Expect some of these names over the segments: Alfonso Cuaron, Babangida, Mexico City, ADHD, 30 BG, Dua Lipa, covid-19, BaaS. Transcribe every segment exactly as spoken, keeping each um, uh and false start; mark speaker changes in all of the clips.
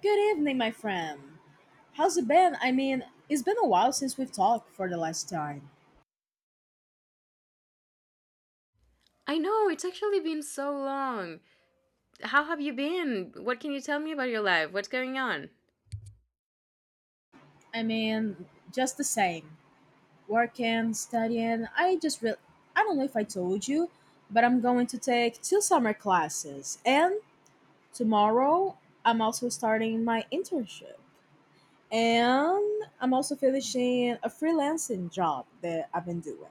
Speaker 1: Good evening, my friend. How's it been? I mean, it's been a while since we've talked for the last time.
Speaker 2: I know, it's actually been so long. How have you been? What can you tell me about your life? What's going on?
Speaker 1: I mean, just the same. Working, studying. I just re- I don't know if I told you, but I'm going to take two summer classes. And tomorrow, I'm also starting my internship. And I'm also finishing a freelancing job that I've been doing.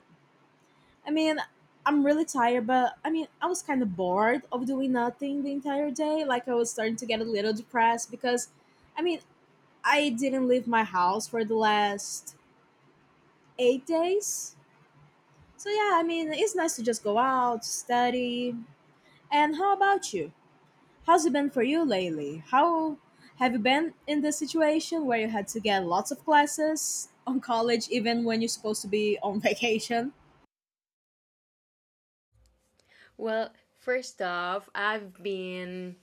Speaker 1: I mean, I'm really tired, but I mean, I was kind of bored of doing nothing the entire day. Like, I was starting to get a little depressed because, I mean, I didn't leave my house for the last eight days. So, yeah, I mean, it's nice to just go out, study. And how about you? How's it been for you lately? How have you been in this situation where you had to get lots of classes on college, even when you're supposed to be on vacation?
Speaker 2: Well, first off, I've been.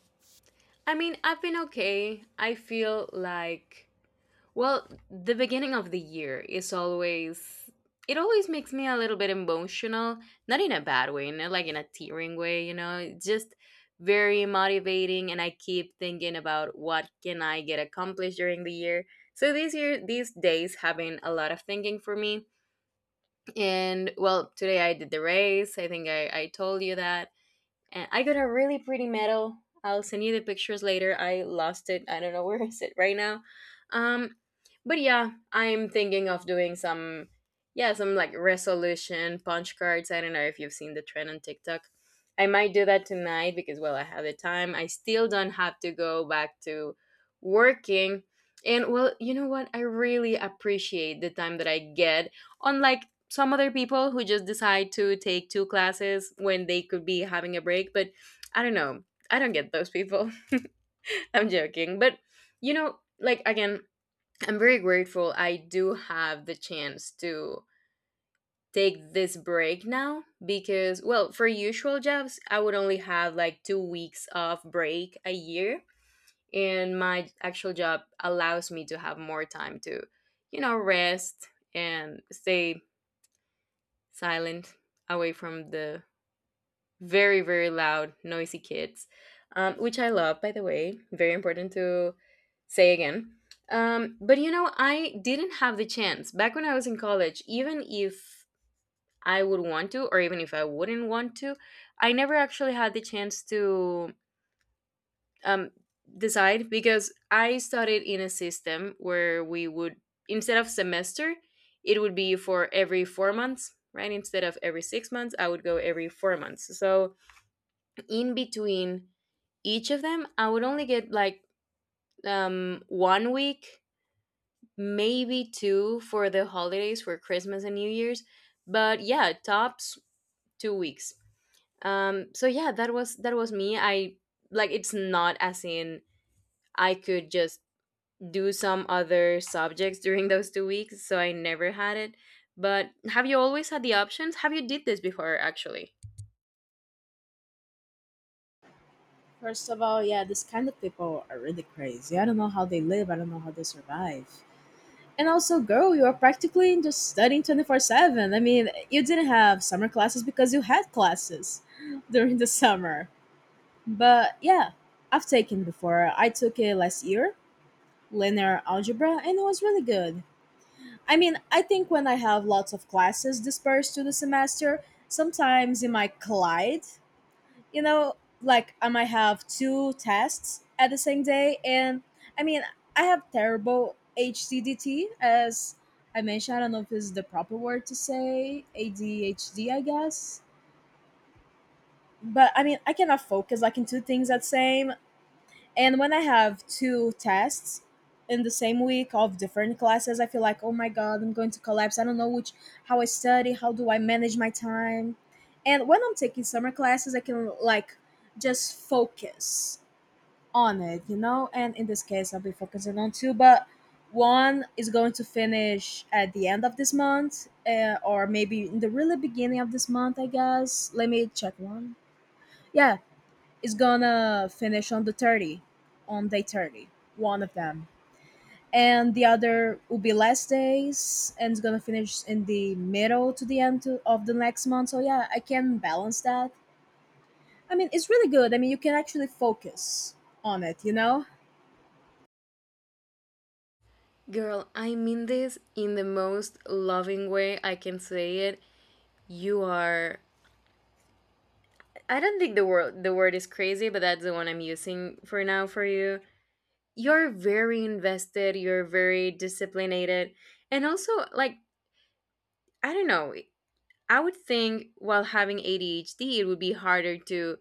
Speaker 2: I mean, I've been okay. I feel like... Well, the beginning of the year is always... it always makes me a little bit emotional, not in a bad way, not like in a tearing way, you know. It's just very motivating and I keep thinking about what can I get accomplished during the year. So this year these days have been a lot of thinking for me. And well, today I did the race. I think I, I told you that, and I got a really pretty medal. I'll send you the pictures later. I lost it. I don't know where is it right now. Um, but yeah, I'm thinking of doing some, yeah, some like resolution punch cards. I don't know if you've seen the trend on TikTok. I might do that tonight because, well, I have the time. I still don't have to go back to working. And well, you know what? I really appreciate the time that I get on, like, some other people who just decide to take two classes when they could be having a break. But I don't know, I don't get those people. I'm joking, but, you know, like, again, I'm very grateful I do have the chance to take this break now, because, well, for usual jobs I would only have like two weeks of break a year, and my actual job allows me to have more time to, you know, rest and stay silent, away from the very very loud, noisy kids, um, which I love, by the way, very important to say again. Um, but, you know, I didn't have the chance back when I was in college. Even if I would want to, or even if I wouldn't want to, I never actually had the chance to um, decide, because I studied in a system where we would, instead of semester, it would be for every four months, right? Instead of every six months, I would go every four months. So in between each of them, I would only get like um, one week, maybe two, for the holidays, for Christmas and New Year's. But yeah, tops two weeks. Um, so yeah, that was that was me. I... like it's not as in I could just do some other subjects during those two weeks, so I never had it. But have you always had the options? Have you did this before actually?
Speaker 1: First of all, yeah, this kind of people are really crazy. I don't know how they live. I don't know how they survive. And also, girl, you are practically just studying twenty four seven. I mean, you didn't have summer classes because you had classes during the summer. But yeah, I've taken before. I took it last year, linear algebra, and it was really good. I mean, I think when I have lots of classes dispersed through the semester, sometimes it might collide, you know, like I might have two tests at the same day. And I mean, I have terrible H C D T, as I mentioned. I don't know if this is the proper word to say A D H D, I guess. But I mean, I cannot focus like in two things at same. And when I have two tests in the same week of different classes, I feel like, oh my god, I'm going to collapse. I don't know which how I study, how do I manage my time. And when I'm taking summer classes, I can like just focus on it, you know? And in this case, I'll be focusing on two, but one is going to finish at the end of this month, uh, or maybe in the really beginning of this month, I guess. Let me check one. Yeah, is gonna finish on the thirty, on day thirty, one of them, and the other will be less days and it's gonna finish in the middle to the end to, of the next month. So yeah, I can balance that. I mean, it's really good. I mean, you can actually focus on it, you know?
Speaker 2: Girl, I mean this in the most loving way I can say it. You are... I don't think the word... the word is crazy, but that's the one I'm using for now for you. You're very invested, you're very disciplined, and also like, I don't know, I would think while having A D H D, it would be harder to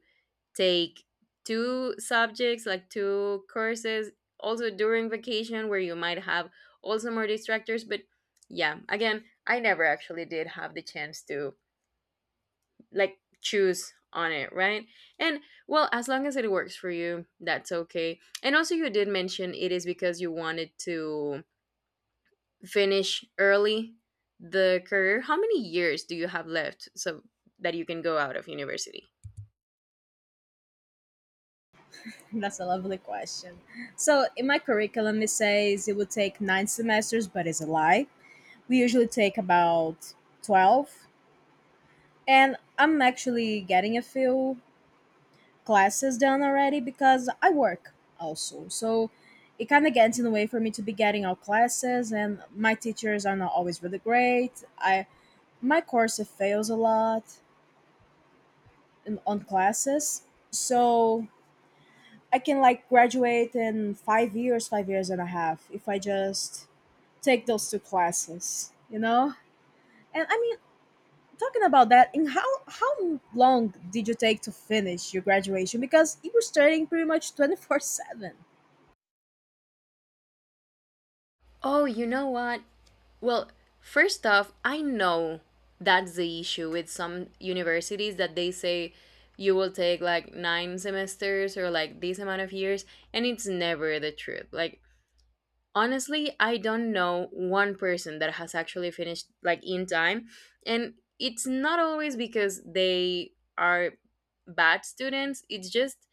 Speaker 2: take two subjects, like two courses, also during vacation, where you might have also more distractors. But yeah, again, I never actually did have the chance to like choose on it, right? And, well, as long as it works for you, that's okay. And also you did mention it is because you wanted to finish early the career. How many years do you have left so that you can go out of university?
Speaker 1: That's a lovely question. So in my curriculum it says it would take nine semesters, but it's a lie. We usually take about twelve, and I'm actually getting a few classes done already because I work also. So it kind of gets in the way for me to be getting out classes, and my teachers are not always really great. I my course it fails a lot in, on classes, so I can like graduate in five years, five years and a half if I just take those two classes, you know. And I mean, talking about that, in how how long did you take to finish your graduation? Because you were studying pretty much twenty four seven.
Speaker 2: Oh, you know what? Well, first off, I know that's the issue with some universities that they say you will take like nine semesters or like this amount of years, and it's never the truth. Like, honestly, I don't know one person that has actually finished like in time, and it's not always because they are bad students. It's just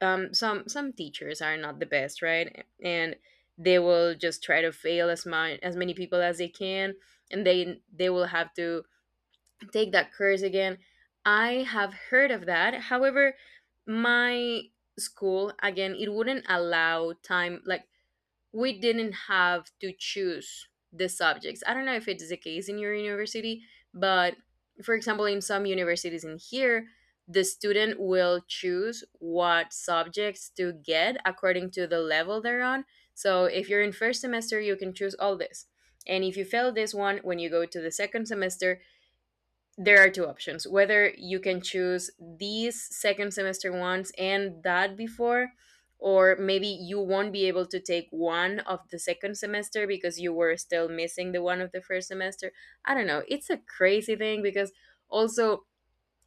Speaker 2: um some some teachers are not the best, right? And they will just try to fail as much as many people as they can, and they they will have to take that course again. I have heard of that. However, my school, again, it wouldn't allow time. Like, we didn't have to choose the subjects. I don't know if it's the case in your university, but, for example, in some universities in here, the student will choose what subjects to get according to the level they're on. So if you're in first semester, you can choose all this. And if you fail this one, when you go to the second semester, there are two options, whether you can choose these second semester ones and that before, or maybe you won't be able to take one of the second semester because you were still missing the one of the first semester. I don't know, it's a crazy thing, because also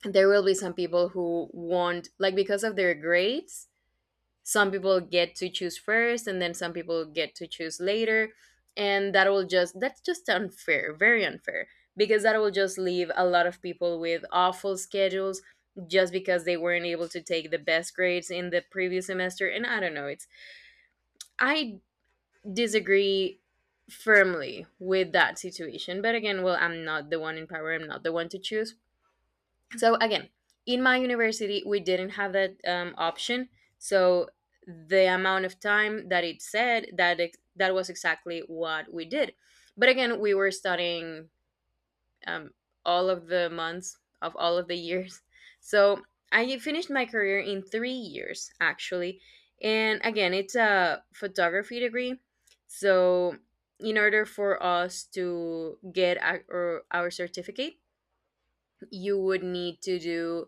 Speaker 2: there will be some people who won't, like, because of their grades, some people get to choose first and then some people get to choose later. And that will just... that's just unfair, very unfair, because that will just leave a lot of people with awful schedules just because they weren't able to take the best grades in the previous semester. And I don't know, it's... I disagree firmly with that situation. But again, well, I'm not the one in power, I'm not the one to choose. So again, in my university we didn't have that um, option. So the amount of time that it said, that ex- that was exactly what we did. But again, we were studying um, all of the months of all of the years. So I finished my career in three years, actually. And again, it's a photography degree. So in order for us to get our, our certificate, you would need to do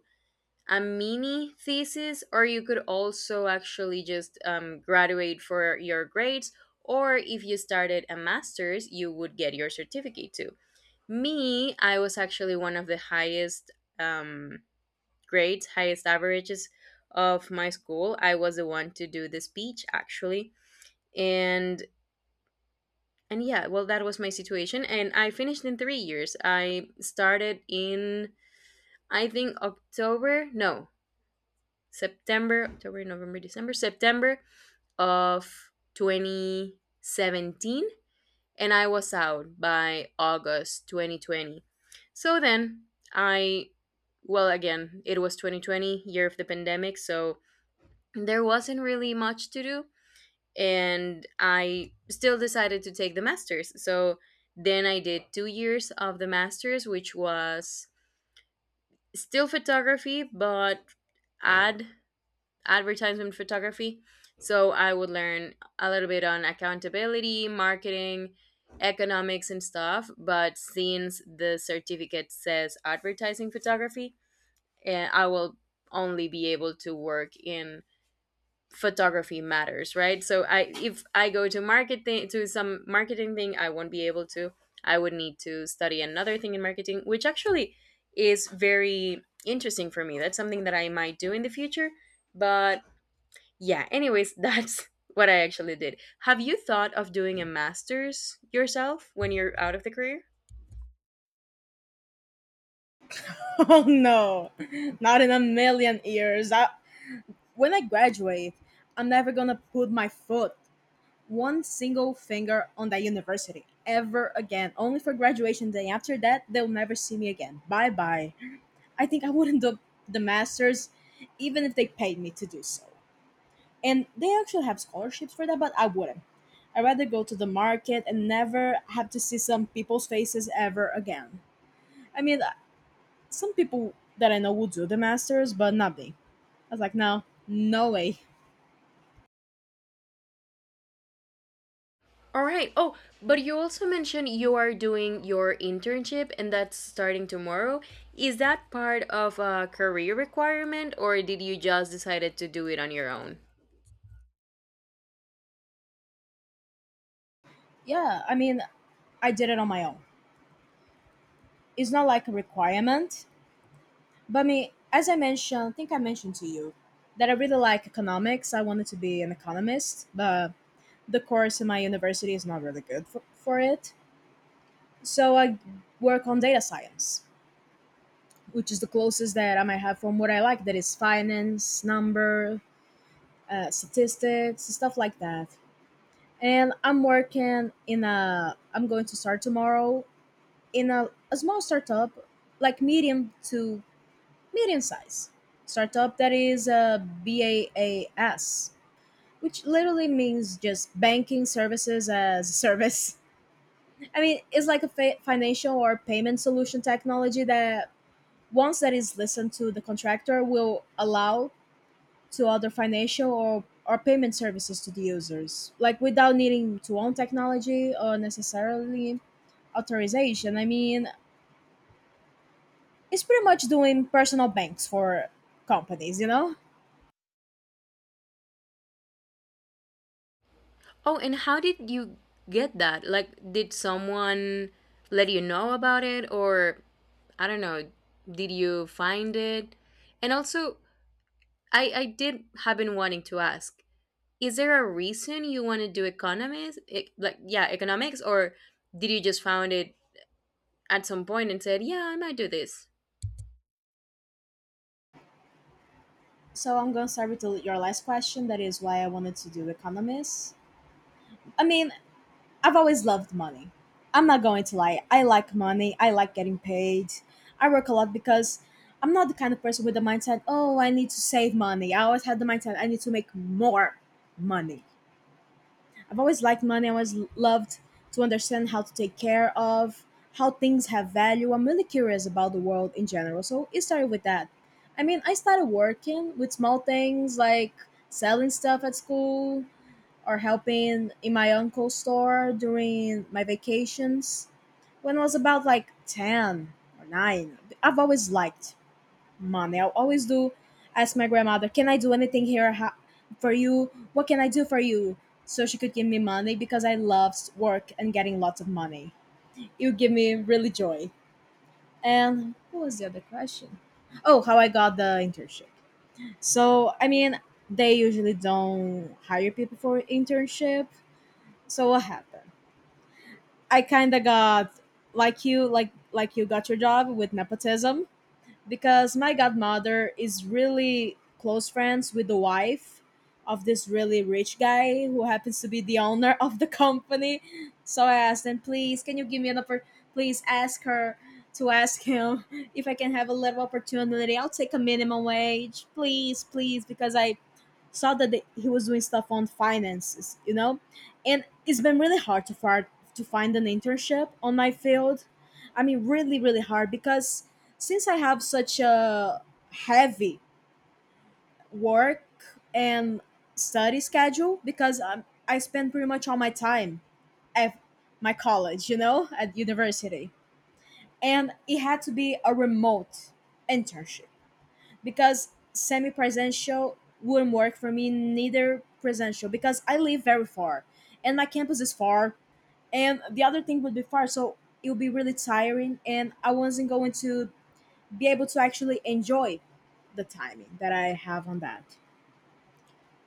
Speaker 2: a mini thesis, or you could also actually just um, graduate for your grades. Or if you started a master's, you would get your certificate too. Me, I was actually one of the highest um, grades, highest averages of my school. I was the one to do the speech actually. And... and yeah, well, that was my situation. And I finished in three years. I started in, I think, October. No, September, October, November, December, September of twenty seventeen, and I was out by August twenty twenty. So then I, well, again, it was twenty twenty, year of the pandemic, so there wasn't really much to do, and I still decided to take the master's. So then I did two years of the master's, which was still photography, but add advertisement photography. So I would learn a little bit on accountability, marketing, economics, and stuff. But since the certificate says advertising photography, eh, I will only be able to work in photography matters, right? So I if I go to marketing, to some marketing thing, I won't be able to. I would need to study another thing in marketing, which actually is very interesting for me. That's something that I might do in the future. But yeah, anyways, that's what I actually did. Have you thought of doing a master's yourself when you're out of the career?
Speaker 1: Oh no, not in a million years. I, when I graduate, I'm never gonna put my foot, one single finger on that university ever again. Only for graduation day. After that, they'll never see me again. Bye bye. I think I wouldn't do the masters, even if they paid me to do so. And they actually have scholarships for that, but I wouldn't. I'd rather go to the market and never have to see some people's faces ever again. I mean, some people that I know will do the masters, but not me. I was like, no, no way.
Speaker 2: All right. Oh, but you also mentioned you are doing your internship and that's starting tomorrow. Is that part of a career requirement or did you just decided to do it on your own?
Speaker 1: Yeah, I mean, I did it on my own. It's not like a requirement, but I mean, as I mentioned, I think I mentioned to you that I really like economics. I wanted to be an economist, but the course in my university is not really good for, for it. So I work on data science, which is the closest that I might have from what I like, that is finance, number, uh, statistics, stuff like that. And I'm working in a, I'm going to start tomorrow in a, a small startup, like medium to medium size startup that is a BaaS, which literally means just banking services as a service. I mean, it's like a fa- financial or payment solution technology that once that is listened to the contractor will allow to other financial or, or payment services to the users, like without needing to own technology or necessarily authorization. I mean, it's pretty much doing personal banks for companies, you know?
Speaker 2: Oh, and how did you get that? Like, did someone let you know about it, or I don't know, did you find it? And also, I, I did have been wanting to ask, is there a reason you want to do economics? Ec- like, yeah, economics, or did you just found it at some point and said, yeah, I might do this?
Speaker 1: So I'm going to start with the- your last question. That is why I wanted to do economics. I mean, I've always loved money. I'm not going to lie. I like money. I like getting paid. I work a lot because I'm not the kind of person with the mindset, oh, I need to save money. I always had the mindset, I need to make more money. I've always liked money. I always loved to understand how to take care of, how things have value. I'm really curious about the world in general. So it started with that. I mean, I started working with small things like selling stuff at school or helping in my uncle's store during my vacations when I was about like ten or nine. I've always liked money. I'll always do ask my grandmother, "Can I do anything here ho- for you? What can I do for you?" So she could give me money because I loved work and getting lots of money. It would give me really joy. And what was the other question? Oh, how I got the internship. So I mean, they usually don't hire people for internship. So what happened? I kind of got like you, like like you got your job with nepotism. Because my godmother is really close friends with the wife of this really rich guy who happens to be the owner of the company. So I asked them, please, can you give me an oppor- please ask her to ask him if I can have a little opportunity. I'll take a minimum wage, please, please, because I saw that they, he was doing stuff on finances, you know, and it's been really hard to find to find an internship on my field. I mean, really, really hard because since I have such a heavy work and study schedule, because um, I spend pretty much all my time at my college, you know, at university, and it had to be a remote internship because semi presential wouldn't work for me, neither presential, because I live very far and my campus is far, and the other thing would be far, so it would be really tiring, and I wasn't going to be able to actually enjoy the timing that I have on that.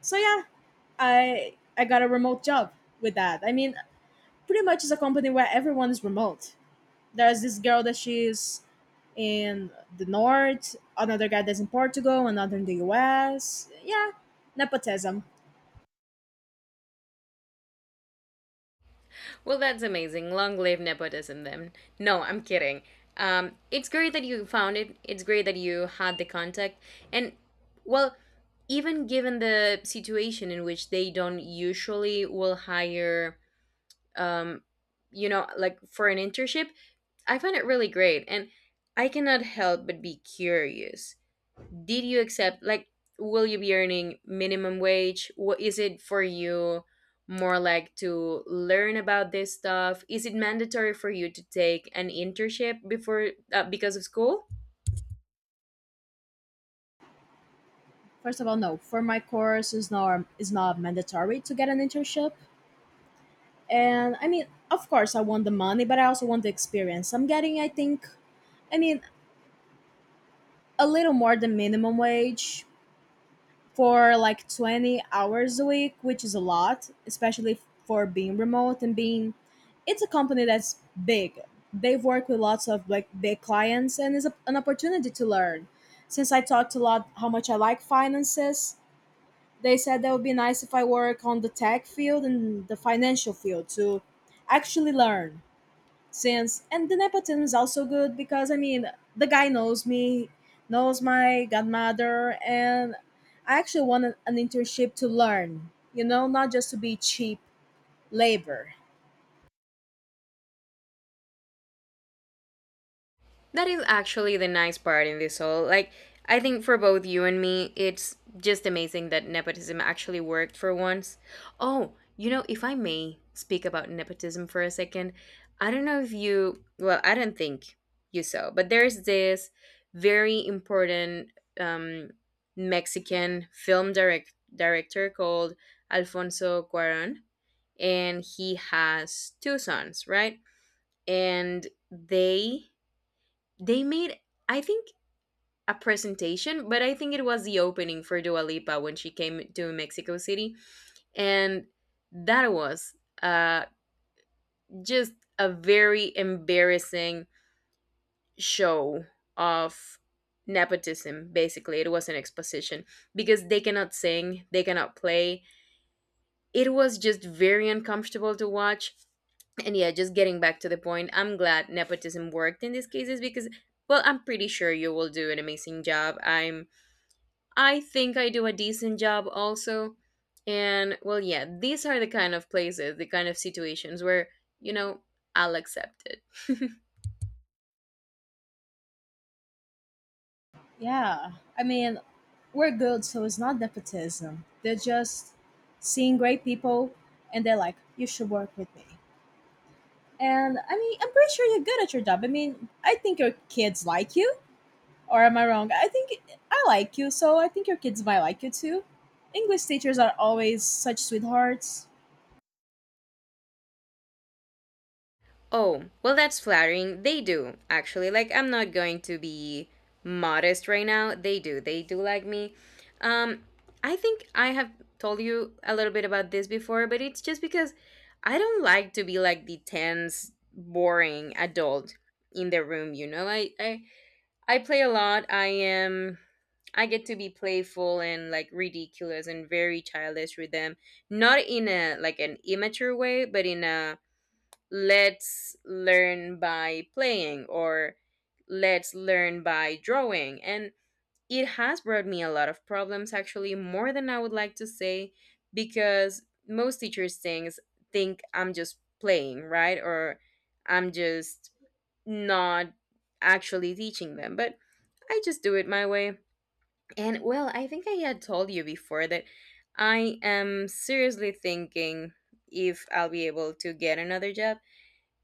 Speaker 1: So yeah, I I got a remote job with that. I mean, pretty much it's a company where everyone is remote. There's this girl that she's in the north, another guy that's in Portugal, another in the U S. Yeah, nepotism.
Speaker 2: Well, that's amazing. Long live nepotism, then. No, I'm kidding. Um, it's great that you found it. It's great that you had the contact. And, well, even given the situation in which they don't usually will hire, um, you know, like for an internship, I find it really great. And I cannot help but be curious. Did you accept, like, will you be earning minimum wage? What is it for you, more like to learn about this stuff? Is it mandatory for you to take an internship before, uh, because of school?
Speaker 1: First of all, no. For my course, is not is not mandatory to get an internship. And I mean, of course, I want the money, but I also want the experience. I'm getting, I think, I mean, a little more than minimum wage for like twenty hours a week, which is a lot, especially for being remote and being it's a company that's big. They've worked with lots of like big clients and it's a, an opportunity to learn. Since I talked a lot how much I like finances, they said that would be nice if I work on the tech field and the financial field to actually learn, since and the nepotism is also good because I mean the guy knows me, knows my godmother, and I actually want an, an internship to learn, you know, not just to be cheap labor.
Speaker 2: That is actually the nice part in this all. Like, I think for both you and me, it's just amazing that nepotism actually worked for once. Oh, you know, if I may speak about nepotism for a second, I don't know if you... well, I don't think you saw, but there's this very important um, Mexican film direct- director called Alfonso Cuaron, and he has two sons, right? And they they made, I think, a presentation, but I think it was the opening for Dua Lipa when she came to Mexico City. And that was uh, just a very embarrassing show of nepotism, basically. It was an exposition because they cannot sing, they cannot play. It was just very uncomfortable to watch. And yeah, just getting back to the point, I'm glad nepotism worked in these cases because, well, I'm pretty sure you will do an amazing job. I'm... I think I do a decent job also. And well, yeah, these are the kind of places, the kind of situations where, you know, I'll accept it.
Speaker 1: Yeah, I mean we're good, so it's not nepotism. They're just seeing great people, and they're like, you should work with me. And I mean, I'm pretty sure you're good at your job. I mean, I think your kids like you. Or am I wrong? I think I like you, so I think your kids might like you too. English teachers are always such sweethearts.
Speaker 2: Oh, well, that's flattering. They do, actually. Like, I'm not going to be modest right now. They do. They do like me. Um, I think I have told you a little bit about this before, but it's just because I don't like to be like the tense, boring adult in the room, you know? I, I I play a lot. I am... I get to be playful and like ridiculous and very childish with them. Not in a like an immature way, but in a let's learn by playing or let's learn by drawing. And it has brought me a lot of problems, actually, more than I would like to say, because most teachers things think I'm just playing, right? Or I'm just not actually teaching them. But I just do it my way. And well, I think I had told you before that I am seriously thinking if I'll be able to get another job.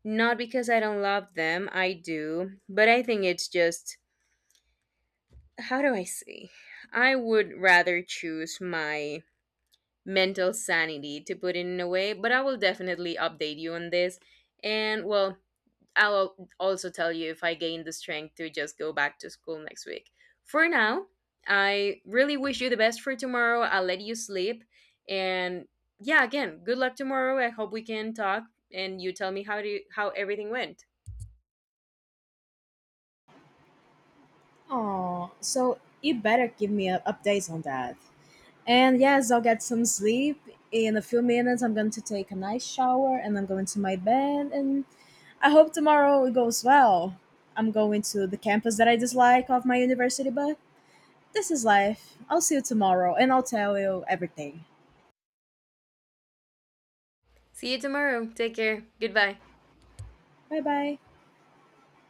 Speaker 2: Not because I don't love them, I do, but I think it's just, how do I say? I would rather choose my mental sanity, to put it in a way, but I will definitely update you on this. And well, I'll also tell you if I gain the strength to just go back to school next week. For now, I really wish you the best for tomorrow. I'll let you sleep. And yeah, again, good luck tomorrow. I hope we can talk and you tell me how do how everything went.
Speaker 1: Oh, so you better give me uh, updates on that. And yes, I'll get some sleep. In a few minutes, I'm going to take a nice shower and I'm going to my bed. And I hope tomorrow it goes well. I'm going to the campus that I dislike of my university, but this is life. I'll see you tomorrow and I'll tell you everything.
Speaker 2: See you tomorrow. Take care. Goodbye.
Speaker 1: Bye bye.